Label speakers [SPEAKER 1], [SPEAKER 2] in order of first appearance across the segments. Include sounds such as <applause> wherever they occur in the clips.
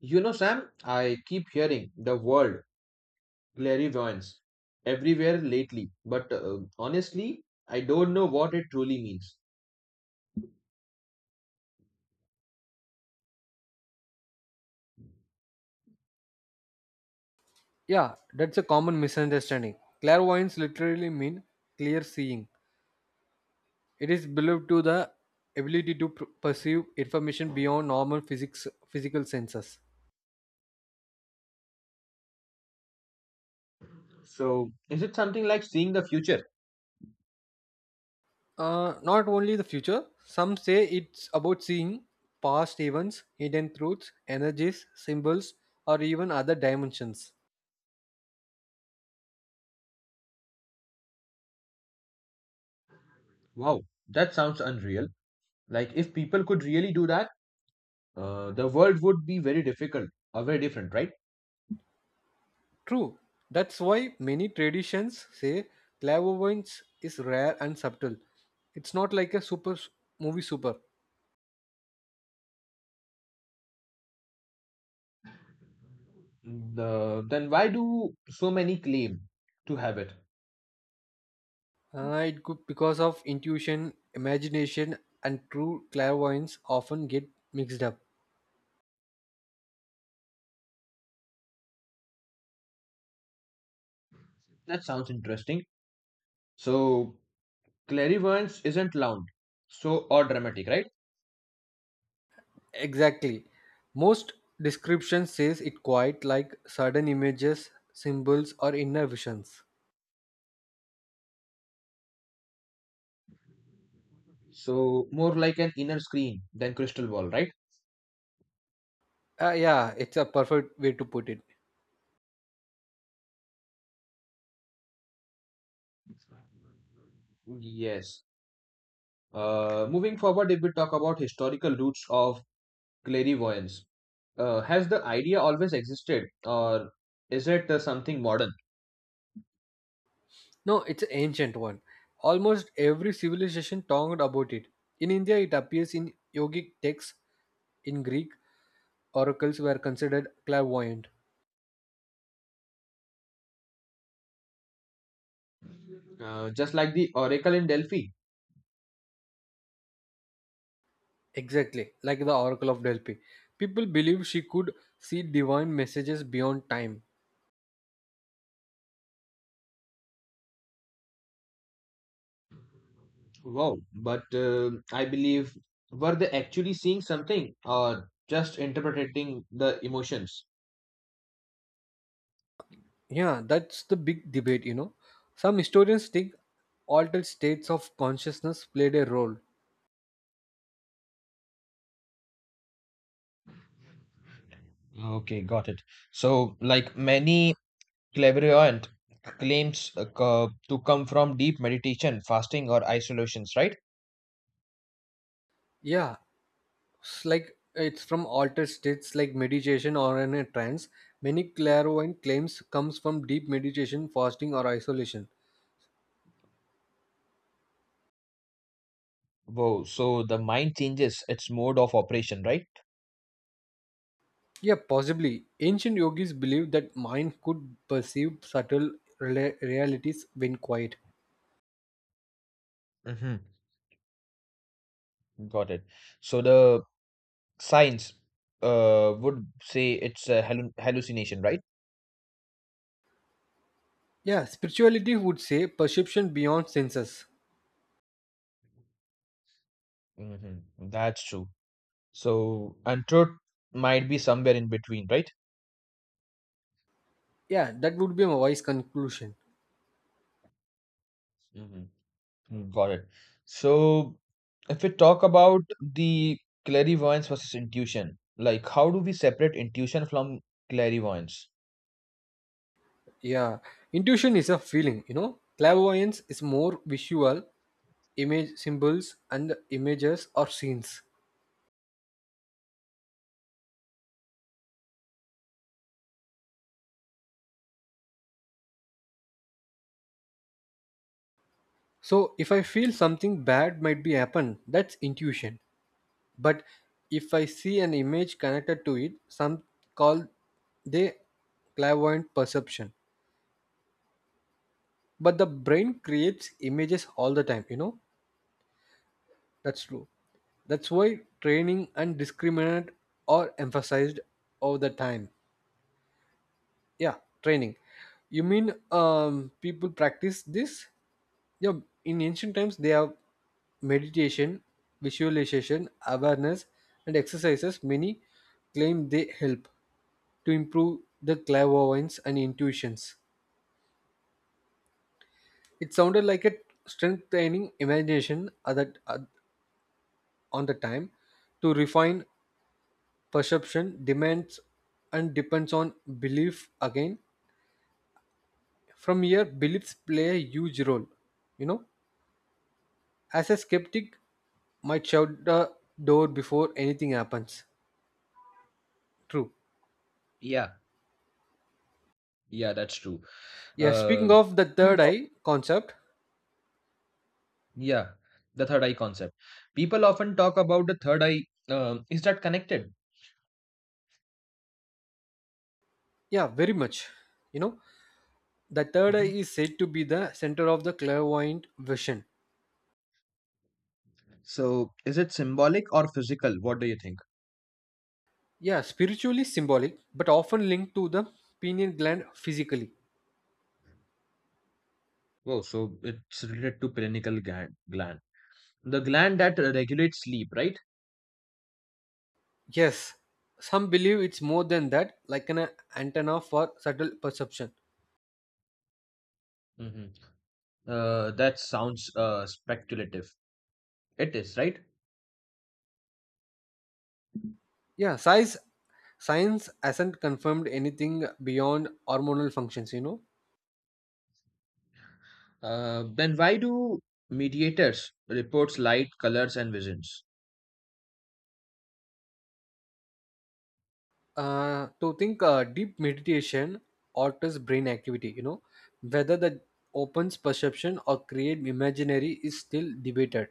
[SPEAKER 1] You know, Sam, I keep hearing the word clairvoyance everywhere lately, but honestly, I don't know what it truly means.
[SPEAKER 2] Yeah, that's a common misunderstanding. Clairvoyance literally means clear seeing. It is believed to the ability to perceive information beyond normal physics physical senses.
[SPEAKER 1] So, is it something like seeing the future?
[SPEAKER 2] Not only the future, some say it's about seeing past events, hidden truths, energies, symbols, or even other dimensions.
[SPEAKER 1] Wow, that sounds unreal. Like, if people could really do that, the world would be very difficult or very different, right?
[SPEAKER 2] True, that's why many traditions say clairvoyance is rare and subtle. It's not like a super movie super.
[SPEAKER 1] Then why do so many claim to have it?
[SPEAKER 2] It could because of intuition, imagination, and true clairvoyance often get mixed up.
[SPEAKER 1] That sounds interesting. So, clairvoyance isn't loud, so or dramatic, right?
[SPEAKER 2] Exactly. Most description says it quite like sudden images, symbols, or inner visions.
[SPEAKER 1] So more like an inner screen than crystal ball, right?
[SPEAKER 2] Yeah, it's a perfect way to put it.
[SPEAKER 1] Yes. Moving forward, if we talk about historical roots of clairvoyance, has the idea always existed, or is it something modern?
[SPEAKER 2] No, it's an ancient one. Almost every civilization talked about it. In India, it appears in yogic texts. In Greek, oracles were considered clairvoyant.
[SPEAKER 1] Just like the oracle in Delphi.
[SPEAKER 2] Exactly, like the Oracle of Delphi. People believe she could see divine messages beyond time.
[SPEAKER 1] Wow. But I believe, were they actually seeing something, or just interpreting the emotions?
[SPEAKER 2] Yeah, that's the big debate, you know. Some historians think altered states of consciousness played a role.
[SPEAKER 1] Okay, got it. So, like many clairvoyant claims to come from deep meditation, fasting, or isolations, right?
[SPEAKER 2] Yeah, it's like it's from altered states like meditation or in a trance. Many clairvoyant claims comes from deep meditation, fasting or isolation.
[SPEAKER 1] Whoa, so the mind changes its mode of operation, right?
[SPEAKER 2] Yeah, possibly. Ancient yogis believed that mind could perceive subtle realities when quiet.
[SPEAKER 1] Mm-hmm. Got it. So the science would say it's a hallucination, right?
[SPEAKER 2] Yeah, spirituality would say perception beyond senses.
[SPEAKER 1] Hmm, that's true. So, and truth might be somewhere in between, right?
[SPEAKER 2] Yeah, that would be my wise conclusion.
[SPEAKER 1] Mhm. Got it. So, if we talk about the clairvoyance versus intuition, like how do we separate intuition from clairvoyance?
[SPEAKER 2] Yeah, intuition is a feeling, you know. Clairvoyance is more visual, image symbols and images or scenes. So if I feel something bad might be happen, that's intuition. But if I see an image connected to it, some call they clairvoyant perception. But the brain creates images all the time, you know. That's true. That's why training and discriminate are emphasized all the time. Yeah, training. You mean people practice this? Yeah, in ancient times, they have meditation, visualization, awareness, and exercises. Many claim they help to improve the clairvoyance and intuitions. It sounded like a strength training imagination at that, on the time to refine perception demands and depends on belief again from here beliefs play a huge role, you know, as a skeptic might shut the door before anything happens true.
[SPEAKER 1] Yeah, yeah, that's true.
[SPEAKER 2] Yeah,
[SPEAKER 1] Uh,
[SPEAKER 2] speaking of the
[SPEAKER 1] we
[SPEAKER 2] third
[SPEAKER 1] talk-
[SPEAKER 2] eye concept.
[SPEAKER 1] yeah, the third eye concept. People often talk about the third eye. Is that connected?
[SPEAKER 2] Yeah, very much, you know, the third eye
[SPEAKER 1] Mhm.
[SPEAKER 2] is said to be the center of the clairvoyant vision.
[SPEAKER 1] So, is it symbolic or physical? What do you think?
[SPEAKER 2] Yeah, spiritually symbolic but often linked to the pineal gland physically.
[SPEAKER 1] Oh, so it's related to pineal gland, the gland that regulates sleep, right?
[SPEAKER 2] Yes, some believe it's more than that, like an antenna for subtle perception.
[SPEAKER 1] Hmm, that sounds speculative. It is, right?
[SPEAKER 2] Yeah, size science hasn't confirmed anything beyond hormonal functions. You know,
[SPEAKER 1] Then why do mediators reports light, colors, and visions?
[SPEAKER 2] to think deep meditation alters brain activity. You know, whether that opens perception or create imaginary is still debated.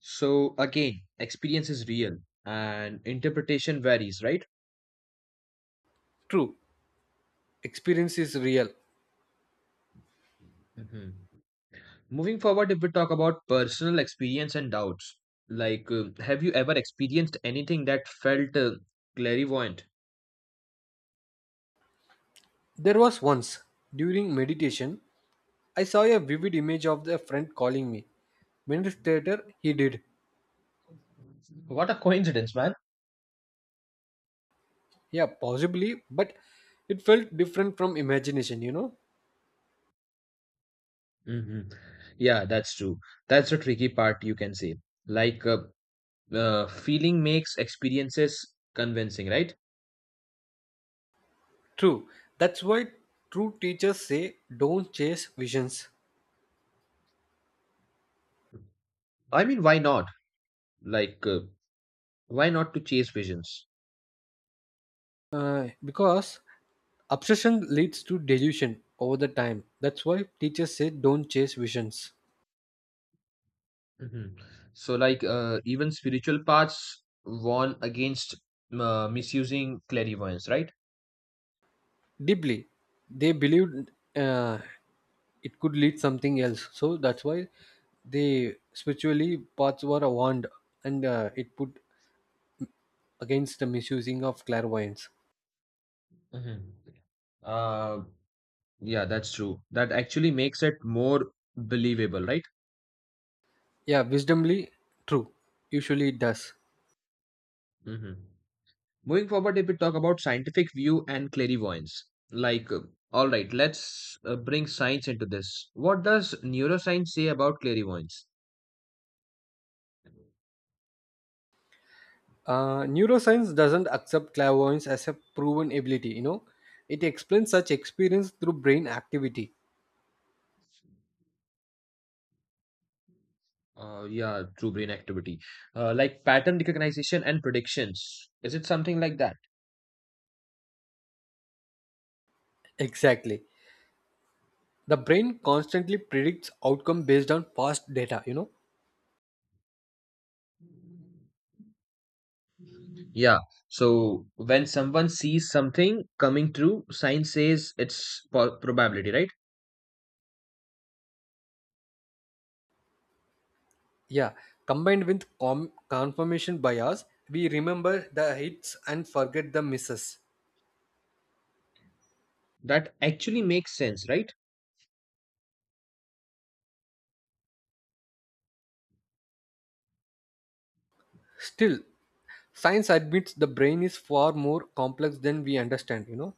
[SPEAKER 1] So again, experience is real and interpretation varies, right?
[SPEAKER 2] True, experience is real.
[SPEAKER 1] Mhm. Moving forward, if we talk about personal experience and doubts, like have you ever experienced anything that felt clairvoyant?
[SPEAKER 2] There was once during meditation, I saw a vivid image of the friend calling me. Minutes later, he did.
[SPEAKER 1] What a coincidence, man.
[SPEAKER 2] Yeah, possibly, but it felt different from imagination, you know?
[SPEAKER 1] Hmm, yeah, that's true. That's the tricky part, you can say. Like uh, Feeling makes experiences convincing, right?
[SPEAKER 2] True. That's why true teachers say don't chase visions.
[SPEAKER 1] I mean, why not? Like, why not to chase visions?
[SPEAKER 2] Because obsession leads to delusion over the time. That's why teachers say don't chase visions.
[SPEAKER 1] Mhm. So, like, even spiritual paths warn against misusing clairvoyance, right?
[SPEAKER 2] Deeply, they believed uh, it could lead something else. So that's why they spiritually paths were warned and it put against the misusing of clairvoyance.
[SPEAKER 1] Mhm. Uh, yeah, that's true. That actually makes it more believable, right?
[SPEAKER 2] Yeah, wisdomly, true. Usually it does.
[SPEAKER 1] Hmm. Moving forward, if we talk about scientific view and clairvoyance, like, uh, all right, let's bring science into this. What does neuroscience say about clairvoyance?
[SPEAKER 2] Neuroscience doesn't accept clairvoyance as a proven ability, you know. It explains such experience through brain activity.
[SPEAKER 1] Yeah, true brain activity. Like pattern recognition and predictions. Is it something like that?
[SPEAKER 2] Exactly. The brain constantly predicts outcome based on past data, you know.
[SPEAKER 1] Yeah. So when someone sees something coming through, science says it's probability, right?
[SPEAKER 2] Yeah. Combined with confirmation bias, we remember the hits and forget the misses.
[SPEAKER 1] That actually makes sense, right?
[SPEAKER 2] Still, science admits the brain is far more complex than we understand, you know.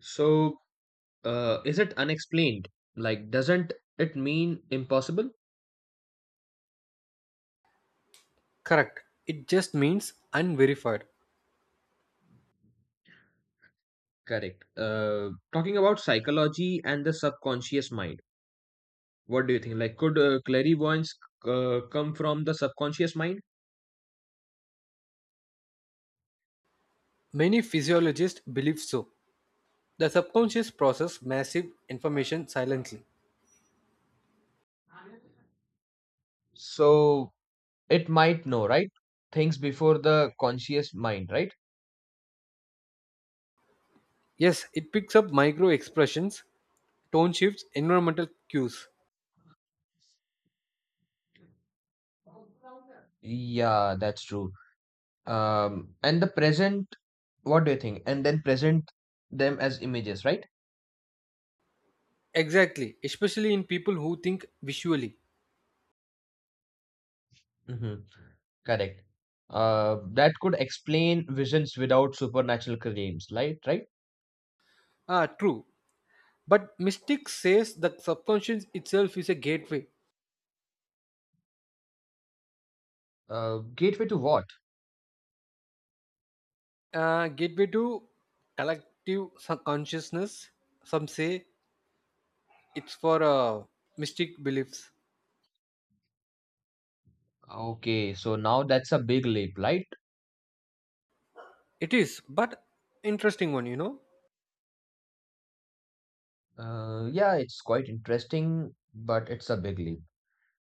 [SPEAKER 1] So is it unexplained? Like, doesn't it mean impossible?
[SPEAKER 2] Correct. It just means unverified.
[SPEAKER 1] Correct. Talking about psychology and the subconscious mind, what do you think? Like, could clairvoyance come from the subconscious mind?
[SPEAKER 2] Many physiologists believe so. The subconscious process massive information silently.
[SPEAKER 1] So, it might know, right? Things before the conscious mind, right?
[SPEAKER 2] Yes, it picks up micro expressions, tone shifts, environmental cues.
[SPEAKER 1] Yeah, that's true. And the present, what do you think? And then present them as images, right?
[SPEAKER 2] Exactly, especially in people who think visually.
[SPEAKER 1] Mm-hmm. Correct. That could explain visions without supernatural claims, right? Right?
[SPEAKER 2] Ah, true. But mystics says the subconscious itself is a gateway.
[SPEAKER 1] Gateway to what?
[SPEAKER 2] Gateway to collective consciousness. Some say it's for mystic beliefs.
[SPEAKER 1] Okay, so now that's a big leap, right?
[SPEAKER 2] It is, but interesting one, you know.
[SPEAKER 1] Yeah, it's quite interesting, but it's a big leap.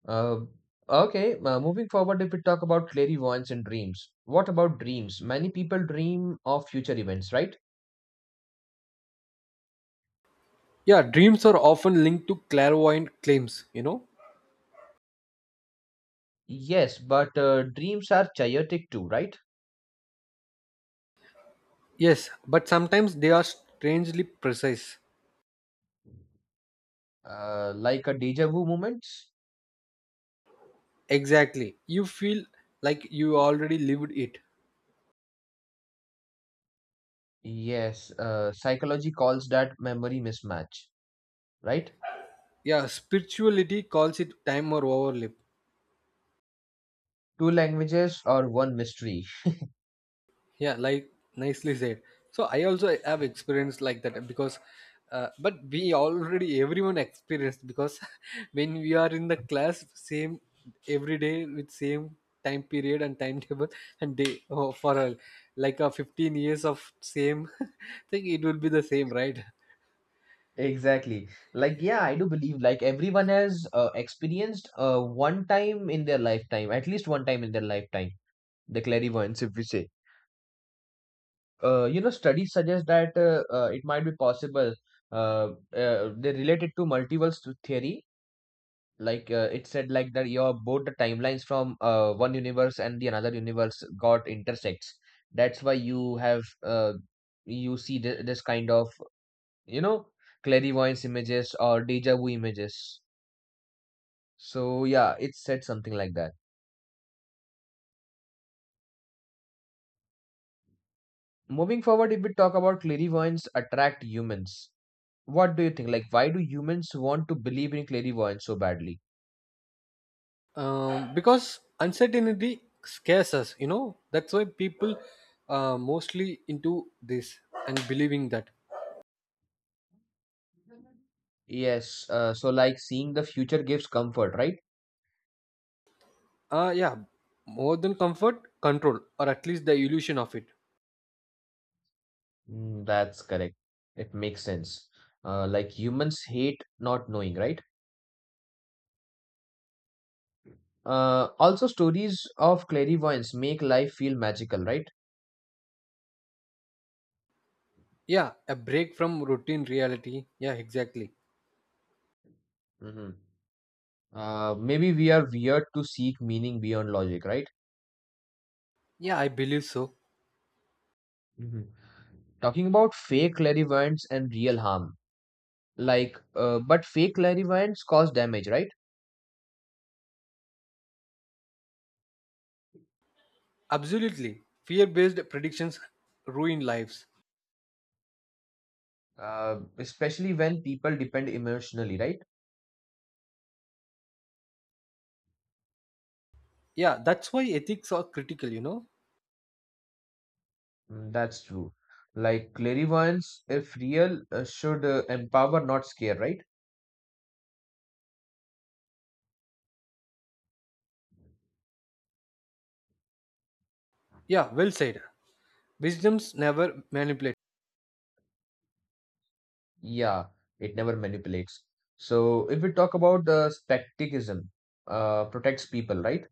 [SPEAKER 1] Uh, okay, Moving forward, if we talk about clairvoyance and dreams, what about dreams? Many people dream of future events, right?
[SPEAKER 2] Yeah, dreams are often linked to clairvoyant claims, you know.
[SPEAKER 1] Yes, but dreams are chaotic too, right?
[SPEAKER 2] Yes, but sometimes they are strangely precise.
[SPEAKER 1] Like a deja vu moments?
[SPEAKER 2] Exactly. You feel like you already lived it.
[SPEAKER 1] Yes, psychology calls that memory mismatch, right?
[SPEAKER 2] Yeah, spirituality calls it time or overlap.
[SPEAKER 1] Two languages or one mystery.
[SPEAKER 2] Yeah, like nicely said. So I also have experienced like that because, but we already everyone experienced because <laughs> when we are in the class same every day with same time period and timetable <laughs> and day oh, for a, like a 15 years of same <laughs> thing it will be the same right.
[SPEAKER 1] Exactly. Like, yeah, I do believe like everyone has experienced one time in their lifetime, at least one time in their lifetime, the clairvoyance, if we say. You know, studies suggest that it might be possible. They related to multiverse theory. Like it said, like that your both the timelines from one universe and the another universe got intersects. That's why you have you see this kind of, you know, clairvoyance images or deja vu images. So yeah, it said something like that. Moving forward, if we talk about clairvoyance attract humans, what do you think? Like, why do humans want to believe in clairvoyance so badly?
[SPEAKER 2] Because uncertainty scares us, you know, that's why people are mostly into this and believing that.
[SPEAKER 1] Yes, so like seeing the future gives comfort, right?
[SPEAKER 2] Yeah, more than comfort control or at least the illusion of it.
[SPEAKER 1] Mm, that's correct. It makes sense. Like humans hate not knowing, right? Also, stories of clairvoyance make life feel magical, right?
[SPEAKER 2] Yeah, a break from routine reality, yeah, exactly.
[SPEAKER 1] Hmm. Maybe we are weird to seek meaning beyond logic, right?
[SPEAKER 2] Yeah, I believe so.
[SPEAKER 1] Hmm. Talking about fake clairvoyance and real harm, but fake clairvoyance cause damage, right?
[SPEAKER 2] Absolutely, fear based predictions ruin lives.
[SPEAKER 1] Especially when people depend emotionally, right?
[SPEAKER 2] Yeah, that's why ethics are critical, you know.
[SPEAKER 1] Mm, that's true. Like clairvoyance, if real, should empower, not scare, right?
[SPEAKER 2] Yeah, well said. Wisdom's never manipulate.
[SPEAKER 1] Yeah, it never manipulates. So if we talk about the specticism, protects people, right?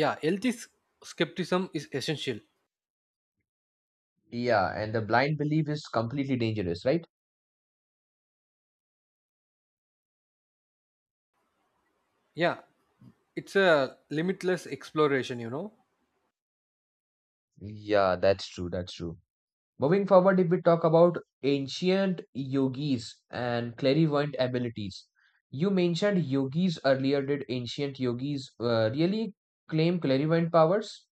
[SPEAKER 2] Yeah, healthy skepticism is essential.
[SPEAKER 1] Yeah, and the blind belief is completely dangerous, right?
[SPEAKER 2] Yeah, it's a limitless exploration, you know.
[SPEAKER 1] Yeah, that's true. That's true. Moving forward, if we talk about ancient yogis and clairvoyant abilities, you mentioned yogis earlier. Did ancient yogis really claim clairvoyant powers?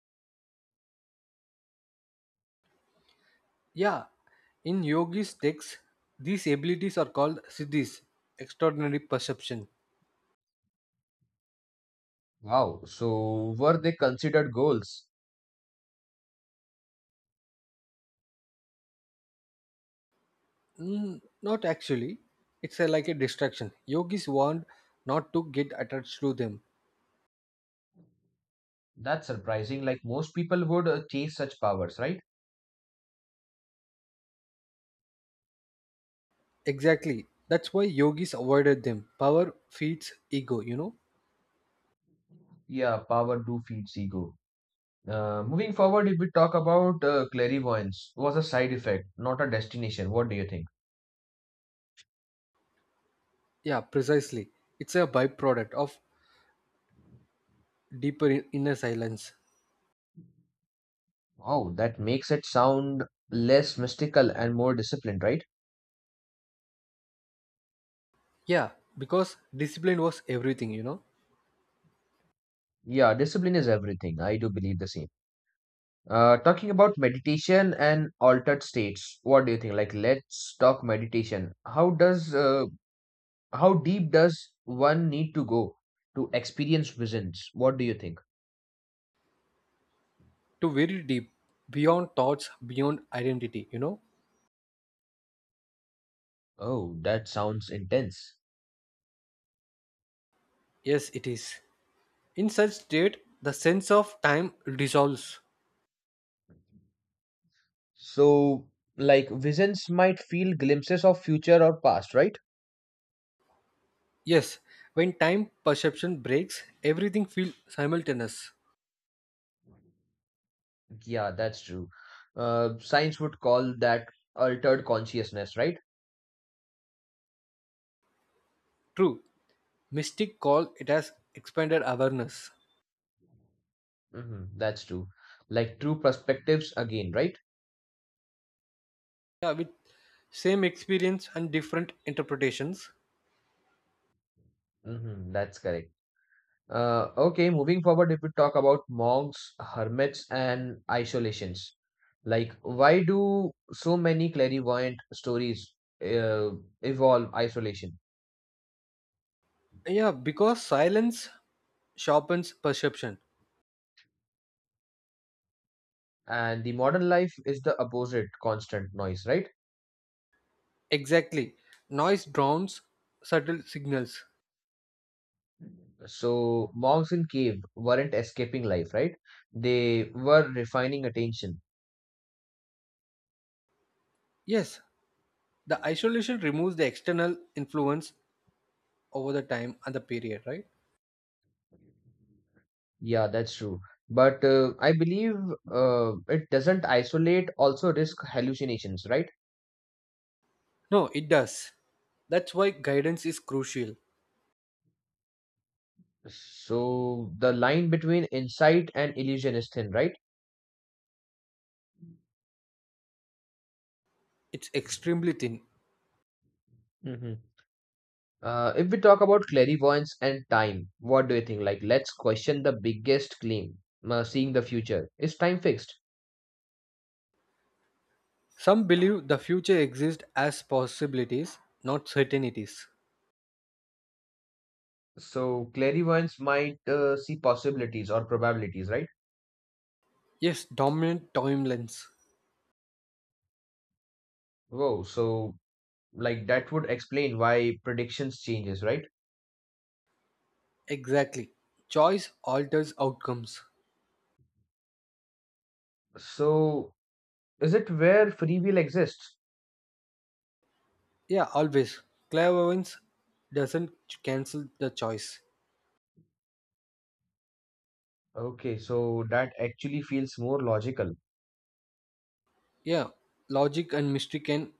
[SPEAKER 2] Yeah, in yogi's texts these abilities are called siddhis, extraordinary perception.
[SPEAKER 1] Wow, so were they considered goals?
[SPEAKER 2] Mm, not actually, it's a, like a distraction, yogis warned not to get attached to them.
[SPEAKER 1] That's surprising. Like most people would chase such powers, right?
[SPEAKER 2] Exactly, that's why yogis avoided them. Power feeds ego, you know.
[SPEAKER 1] Yeah, power do feeds ego. Moving forward, if we talk about clairvoyance, was a side effect, not a destination. What do you think?
[SPEAKER 2] Yeah, precisely, it's a byproduct of deeper inner silence.
[SPEAKER 1] Wow, that makes it sound less mystical and more disciplined, right?
[SPEAKER 2] Yeah, because discipline was everything, you know.
[SPEAKER 1] Yeah, discipline is everything. I do believe the same. Talking about meditation and altered states, what do you think? Like, let's talk meditation. How deep does one need to go to experience visions? What do you think?
[SPEAKER 2] To very deep, beyond thoughts, beyond identity, you know?
[SPEAKER 1] Oh, that sounds intense.
[SPEAKER 2] Yes, it is. In such state, the sense of time dissolves.
[SPEAKER 1] So, like, visions might feel glimpses of future or past, right?
[SPEAKER 2] Yes, when time perception breaks, everything feels simultaneous.
[SPEAKER 1] Yeah, that's true. Science would call that altered consciousness, right?
[SPEAKER 2] True, mystic call it as expanded awareness.
[SPEAKER 1] Hmm, that's true. Like true perspectives again, right?
[SPEAKER 2] Yeah, with same experience and different interpretations.
[SPEAKER 1] Mhm, that's correct. Okay, Moving forward, if we talk about monks, hermits, and isolations, like why do so many clairvoyant stories uh, evolve isolation?
[SPEAKER 2] Yeah, because silence sharpens perception.
[SPEAKER 1] And the modern life is the opposite, constant noise, right?
[SPEAKER 2] Exactly. Noise drowns subtle signals.
[SPEAKER 1] So monks in cave weren't escaping life, right? They were refining attention.
[SPEAKER 2] Yes, the isolation removes the external influence over the time and the period right.
[SPEAKER 1] Yeah, that's true. But I believe it doesn't isolate also risk hallucinations, right?
[SPEAKER 2] No, it does, that's why guidance is crucial.
[SPEAKER 1] So the line between insight and illusion is thin, right?
[SPEAKER 2] It's extremely thin.
[SPEAKER 1] Hmm. If we talk about clairvoyance and time, what do you think? Like, let's question the biggest claim, seeing the future. Is time fixed?
[SPEAKER 2] Some believe the future exists as possibilities, not certainties.
[SPEAKER 1] So, clairvoyance might see possibilities or probabilities, right?
[SPEAKER 2] Yes, dominant timelines.
[SPEAKER 1] Whoa, so like that would explain why predictions changes, right?
[SPEAKER 2] Exactly, choice alters outcomes.
[SPEAKER 1] So, is it where free will exists?
[SPEAKER 2] Yeah, always, clairvoyance doesn't cancel the choice.
[SPEAKER 1] Okay, so that actually feels more logical.
[SPEAKER 2] Yeah, logic and mystery can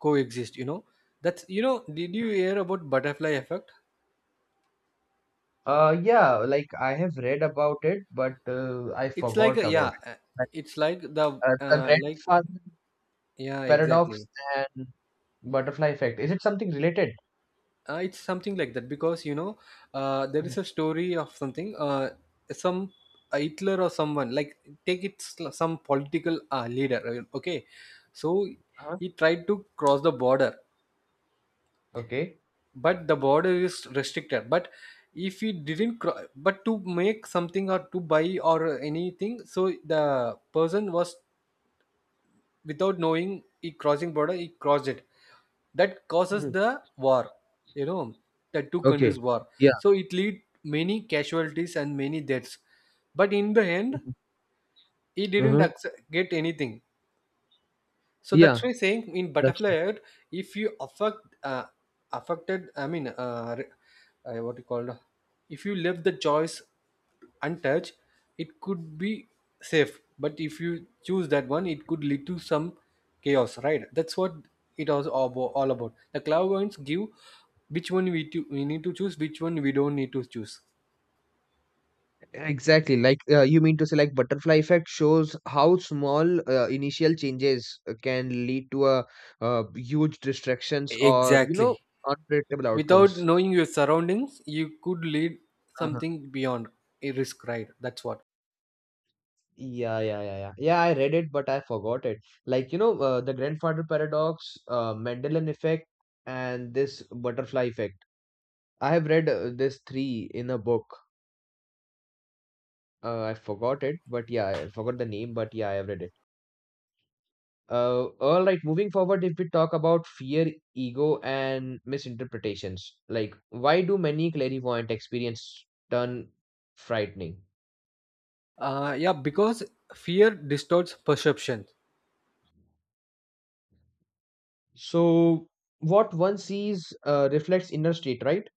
[SPEAKER 2] coexist, you know. That's, you know, did you hear about butterfly effect?
[SPEAKER 1] Yeah, like I have read about it, but I
[SPEAKER 2] It's like
[SPEAKER 1] forgot
[SPEAKER 2] a,
[SPEAKER 1] about
[SPEAKER 2] yeah,
[SPEAKER 1] it. Like,
[SPEAKER 2] it's like the
[SPEAKER 1] the
[SPEAKER 2] like
[SPEAKER 1] grandfather
[SPEAKER 2] yeah, exactly.
[SPEAKER 1] paradox and butterfly effect. Is it something related?
[SPEAKER 2] It's something like that because you know there is
[SPEAKER 1] Mhm.
[SPEAKER 2] a story of something some Hitler or someone like take it some political leader. Okay, so
[SPEAKER 1] Uh-huh.
[SPEAKER 2] he tried to cross the border,
[SPEAKER 1] Okay.
[SPEAKER 2] but the border is restricted. But if he didn't, but to make something or to buy or anything, so the person was without knowing he crossing border he crossed it, that causes
[SPEAKER 1] Mhm.
[SPEAKER 2] the war, you know, the two countries
[SPEAKER 1] Okay.
[SPEAKER 2] war.
[SPEAKER 1] Yeah.
[SPEAKER 2] So it lead many casualties and many deaths, but in the end he
[SPEAKER 1] Uh
[SPEAKER 2] didn't
[SPEAKER 1] huh.
[SPEAKER 2] accept, get anything. So that's
[SPEAKER 1] Yeah.
[SPEAKER 2] why saying in
[SPEAKER 1] That's
[SPEAKER 2] butterfly effect, if you affect uh, affected, I mean, what you call, if you left the choice untouched, it could be safe. But if you choose that one, it could lead to some chaos, right? That's what it was all all about. The clairvoyants give which one we need to choose, which one we don't need to choose.
[SPEAKER 1] exactly. Like you mean to say, like butterfly effect shows how small initial changes can lead to a huge distractions or, you know,
[SPEAKER 2] Exactly.
[SPEAKER 1] unpredictable
[SPEAKER 2] Without
[SPEAKER 1] outcomes.
[SPEAKER 2] knowing your surroundings, you could lead something beyond a risk, right? That's what.
[SPEAKER 1] Yeah, I read it, but I forgot it. Like, you know, the grandfather paradox, Mendelian effect, and this butterfly effect. I have read this three in a book. I forgot it, but yeah, I forgot the name, but yeah, I have read it. All right, moving forward, if we talk about fear, ego, and misinterpretations, like why do many clairvoyant experience turn frightening?
[SPEAKER 2] Yeah, because fear distorts perception.
[SPEAKER 1] So, what one sees reflects inner state, right?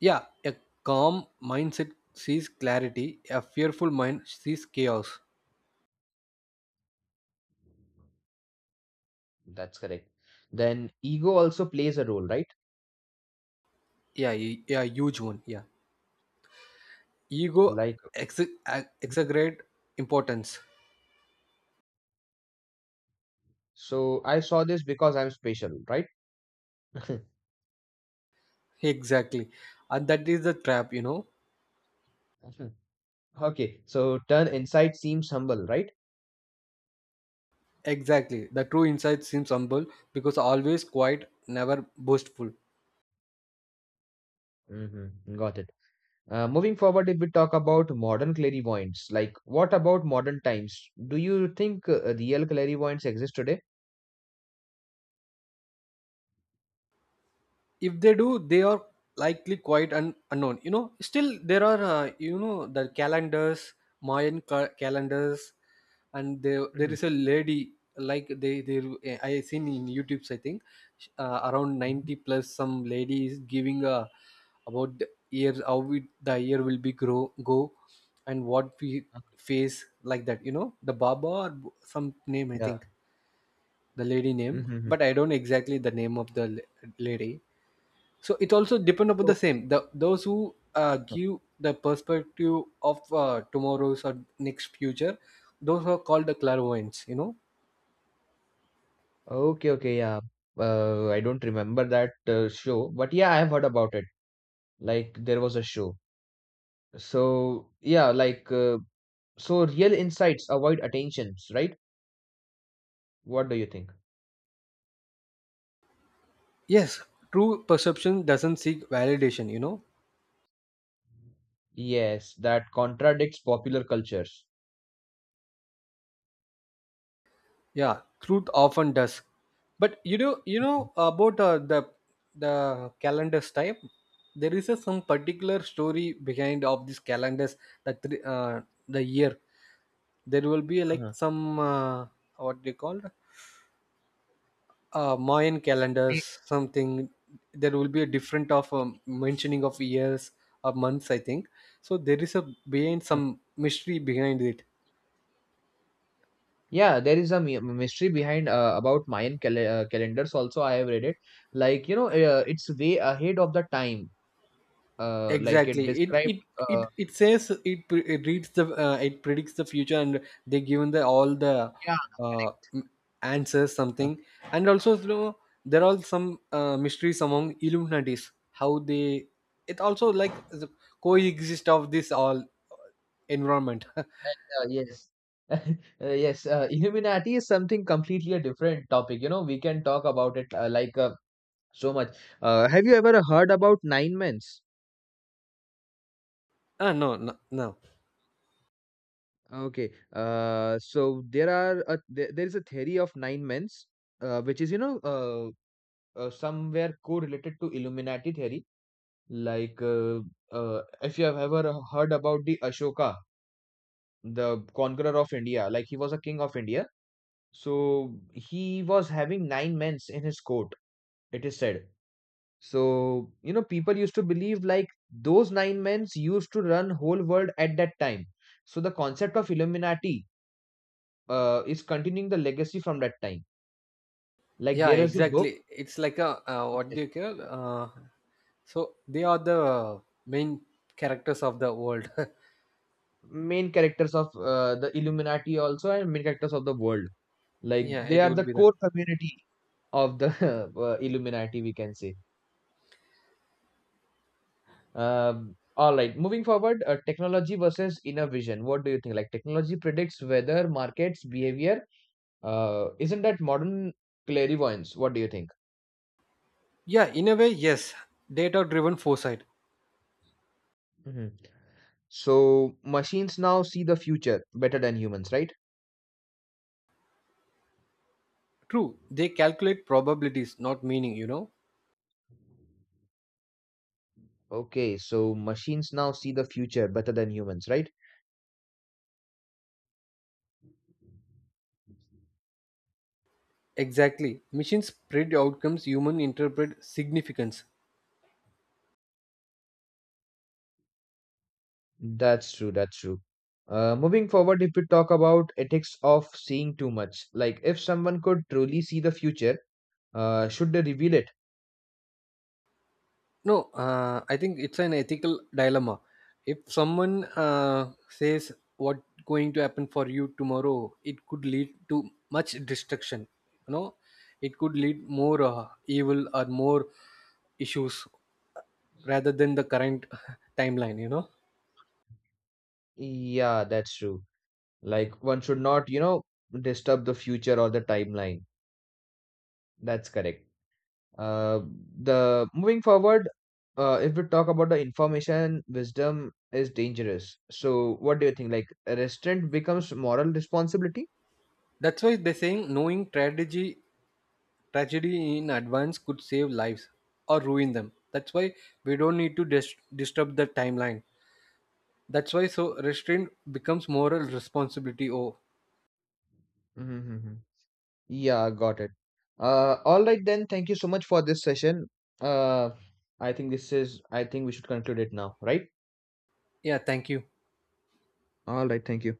[SPEAKER 2] Yeah, a calm mindset sees clarity, a fearful mind sees chaos.
[SPEAKER 1] That's correct. Then ego also plays a role, right?
[SPEAKER 2] Yeah, yeah, huge one. Yeah, ego
[SPEAKER 1] Like,
[SPEAKER 2] ex- exaggerate importance. <laughs>
[SPEAKER 1] so I saw this because I'm special, right? <laughs>
[SPEAKER 2] Exactly, and that is the trap, you know.
[SPEAKER 1] Okay, so turn inside seems humble, right?
[SPEAKER 2] Exactly, the true insight seems humble because always quiet, never boastful.
[SPEAKER 1] Mm-hmm. Got it. Moving forward, if we talk about modern clairvoyants, like what about modern times? Do you think real clairvoyants exist today?
[SPEAKER 2] If they do they are likely quite unknown, you know. Still there are, you know, the calendars, Mayan calendars, and there
[SPEAKER 1] Mhm,
[SPEAKER 2] is a lady like they, I seen in YouTube's, I think around
[SPEAKER 1] mhm.
[SPEAKER 2] 90 plus some lady is giving a about the year how we, the year will be grow go and what we
[SPEAKER 1] Uh,
[SPEAKER 2] face like that, you know, the baba or some name, I
[SPEAKER 1] Yeah.
[SPEAKER 2] think the lady name,
[SPEAKER 1] Mm-hmm.
[SPEAKER 2] but I don't exactly the name of the lady. So it also depend upon
[SPEAKER 1] So,
[SPEAKER 2] the same the those who give the perspective of tomorrow's or next future, those are called the clairvoyants, you know.
[SPEAKER 1] okay, okay, yeah. I don't remember that show, but yeah, I have heard about it. Like there was a show. So yeah, like so real insights avoid attentions, right? What do you think?
[SPEAKER 2] Yes, true perception doesn't seek validation, you know.
[SPEAKER 1] Yes, that contradicts popular cultures.
[SPEAKER 2] Yeah, truth often does. But you know, you
[SPEAKER 1] Mhm.
[SPEAKER 2] know about the the calendars type, there is a some particular story behind of these calendars, that the year there will be like
[SPEAKER 1] Uh-huh.
[SPEAKER 2] some what they called Mayan
[SPEAKER 1] Be-
[SPEAKER 2] calendars, something, there will be a different of mentioning of years or months, I think. So there is a behind
[SPEAKER 1] uh,
[SPEAKER 2] some mystery behind it.
[SPEAKER 1] Yeah, there is a mystery behind about Mayan calendars also. I have read it. Like, you know, it's way ahead of the time. Like it
[SPEAKER 2] Exactly, it
[SPEAKER 1] described.
[SPEAKER 2] it
[SPEAKER 1] Uh,
[SPEAKER 2] it it says it, it reads the it predicts the future and they given the all the
[SPEAKER 1] yeah,
[SPEAKER 2] uh,
[SPEAKER 1] correct.
[SPEAKER 2] m- answers
[SPEAKER 1] <laughs> Uh,
[SPEAKER 2] something. And also you know, there are some mysteries among Illuminatis how they, it also like the coexist of this all environment. <laughs>
[SPEAKER 1] yes. <laughs> Yes, Illuminati is something completely a different topic. You know, we can talk about it so much. Have you ever heard about nine men's?
[SPEAKER 2] Ah, no, no, no.
[SPEAKER 1] Okay. So there is a theory of nine men's, which is, you know, somewhere correlated to Illuminati theory. Like uh, if you have ever heard about the Ashoka, the conqueror of India, like he was a king of India. So he was having nine men's in his court. It is said, so, you know, people used to believe like those nine men used to run whole world at that time. So the concept of Illuminati is continuing the legacy from that time. Like
[SPEAKER 2] Yeah,
[SPEAKER 1] there is a book,
[SPEAKER 2] exactly. It's like a what do
[SPEAKER 1] yes,
[SPEAKER 2] you call? So they are the main characters of the world.
[SPEAKER 1] main characters of the Illuminati also and main characters of the world.
[SPEAKER 2] <laughs>
[SPEAKER 1] Like
[SPEAKER 2] Yeah,
[SPEAKER 1] they
[SPEAKER 2] it
[SPEAKER 1] are
[SPEAKER 2] would
[SPEAKER 1] the
[SPEAKER 2] be that.
[SPEAKER 1] core community of the <laughs> Illuminati, we can say. All right, moving forward, technology versus inner vision. What do you think? Like technology predicts weather, markets, behavior. Isn't that modern clairvoyance? What do you think?
[SPEAKER 2] Yeah, in a way, yes. Data-driven foresight.
[SPEAKER 1] Mhm. So machines now see the future better than humans, right?
[SPEAKER 2] True, they calculate probabilities, not meaning. You know
[SPEAKER 1] Okay, so machines now see the future better than humans, right?
[SPEAKER 2] exactly. Machines predict outcomes. Human interpret significance.
[SPEAKER 1] That's true, that's true. Moving forward, if we talk about ethics of seeing too much, like if someone could truly see the future, should they reveal it?
[SPEAKER 2] No, I think it's an ethical dilemma. If someone says what going to happen for you tomorrow, it could lead to much destruction. You know, it could lead more evil or more issues rather than the current <laughs> timeline. You know,
[SPEAKER 1] Yeah, that's true. Like one should not, you know, disturb the future or the timeline. That's correct. uh, the moving forward, if we talk about the information wisdom is dangerous, so what do you think, like a restraint becomes moral responsibility.
[SPEAKER 2] that's why they're saying knowing tragedy in advance could save lives or ruin them. That's why we don't need to disturb the timeline. That's why so restraint becomes moral responsibility. Oh,
[SPEAKER 1] Mm-hmm. Yeah, got it. All right, then thank you so much for this session. Uh, i think this is i think we should conclude it now, right?
[SPEAKER 2] yeah, thank you.
[SPEAKER 1] All right, thank you.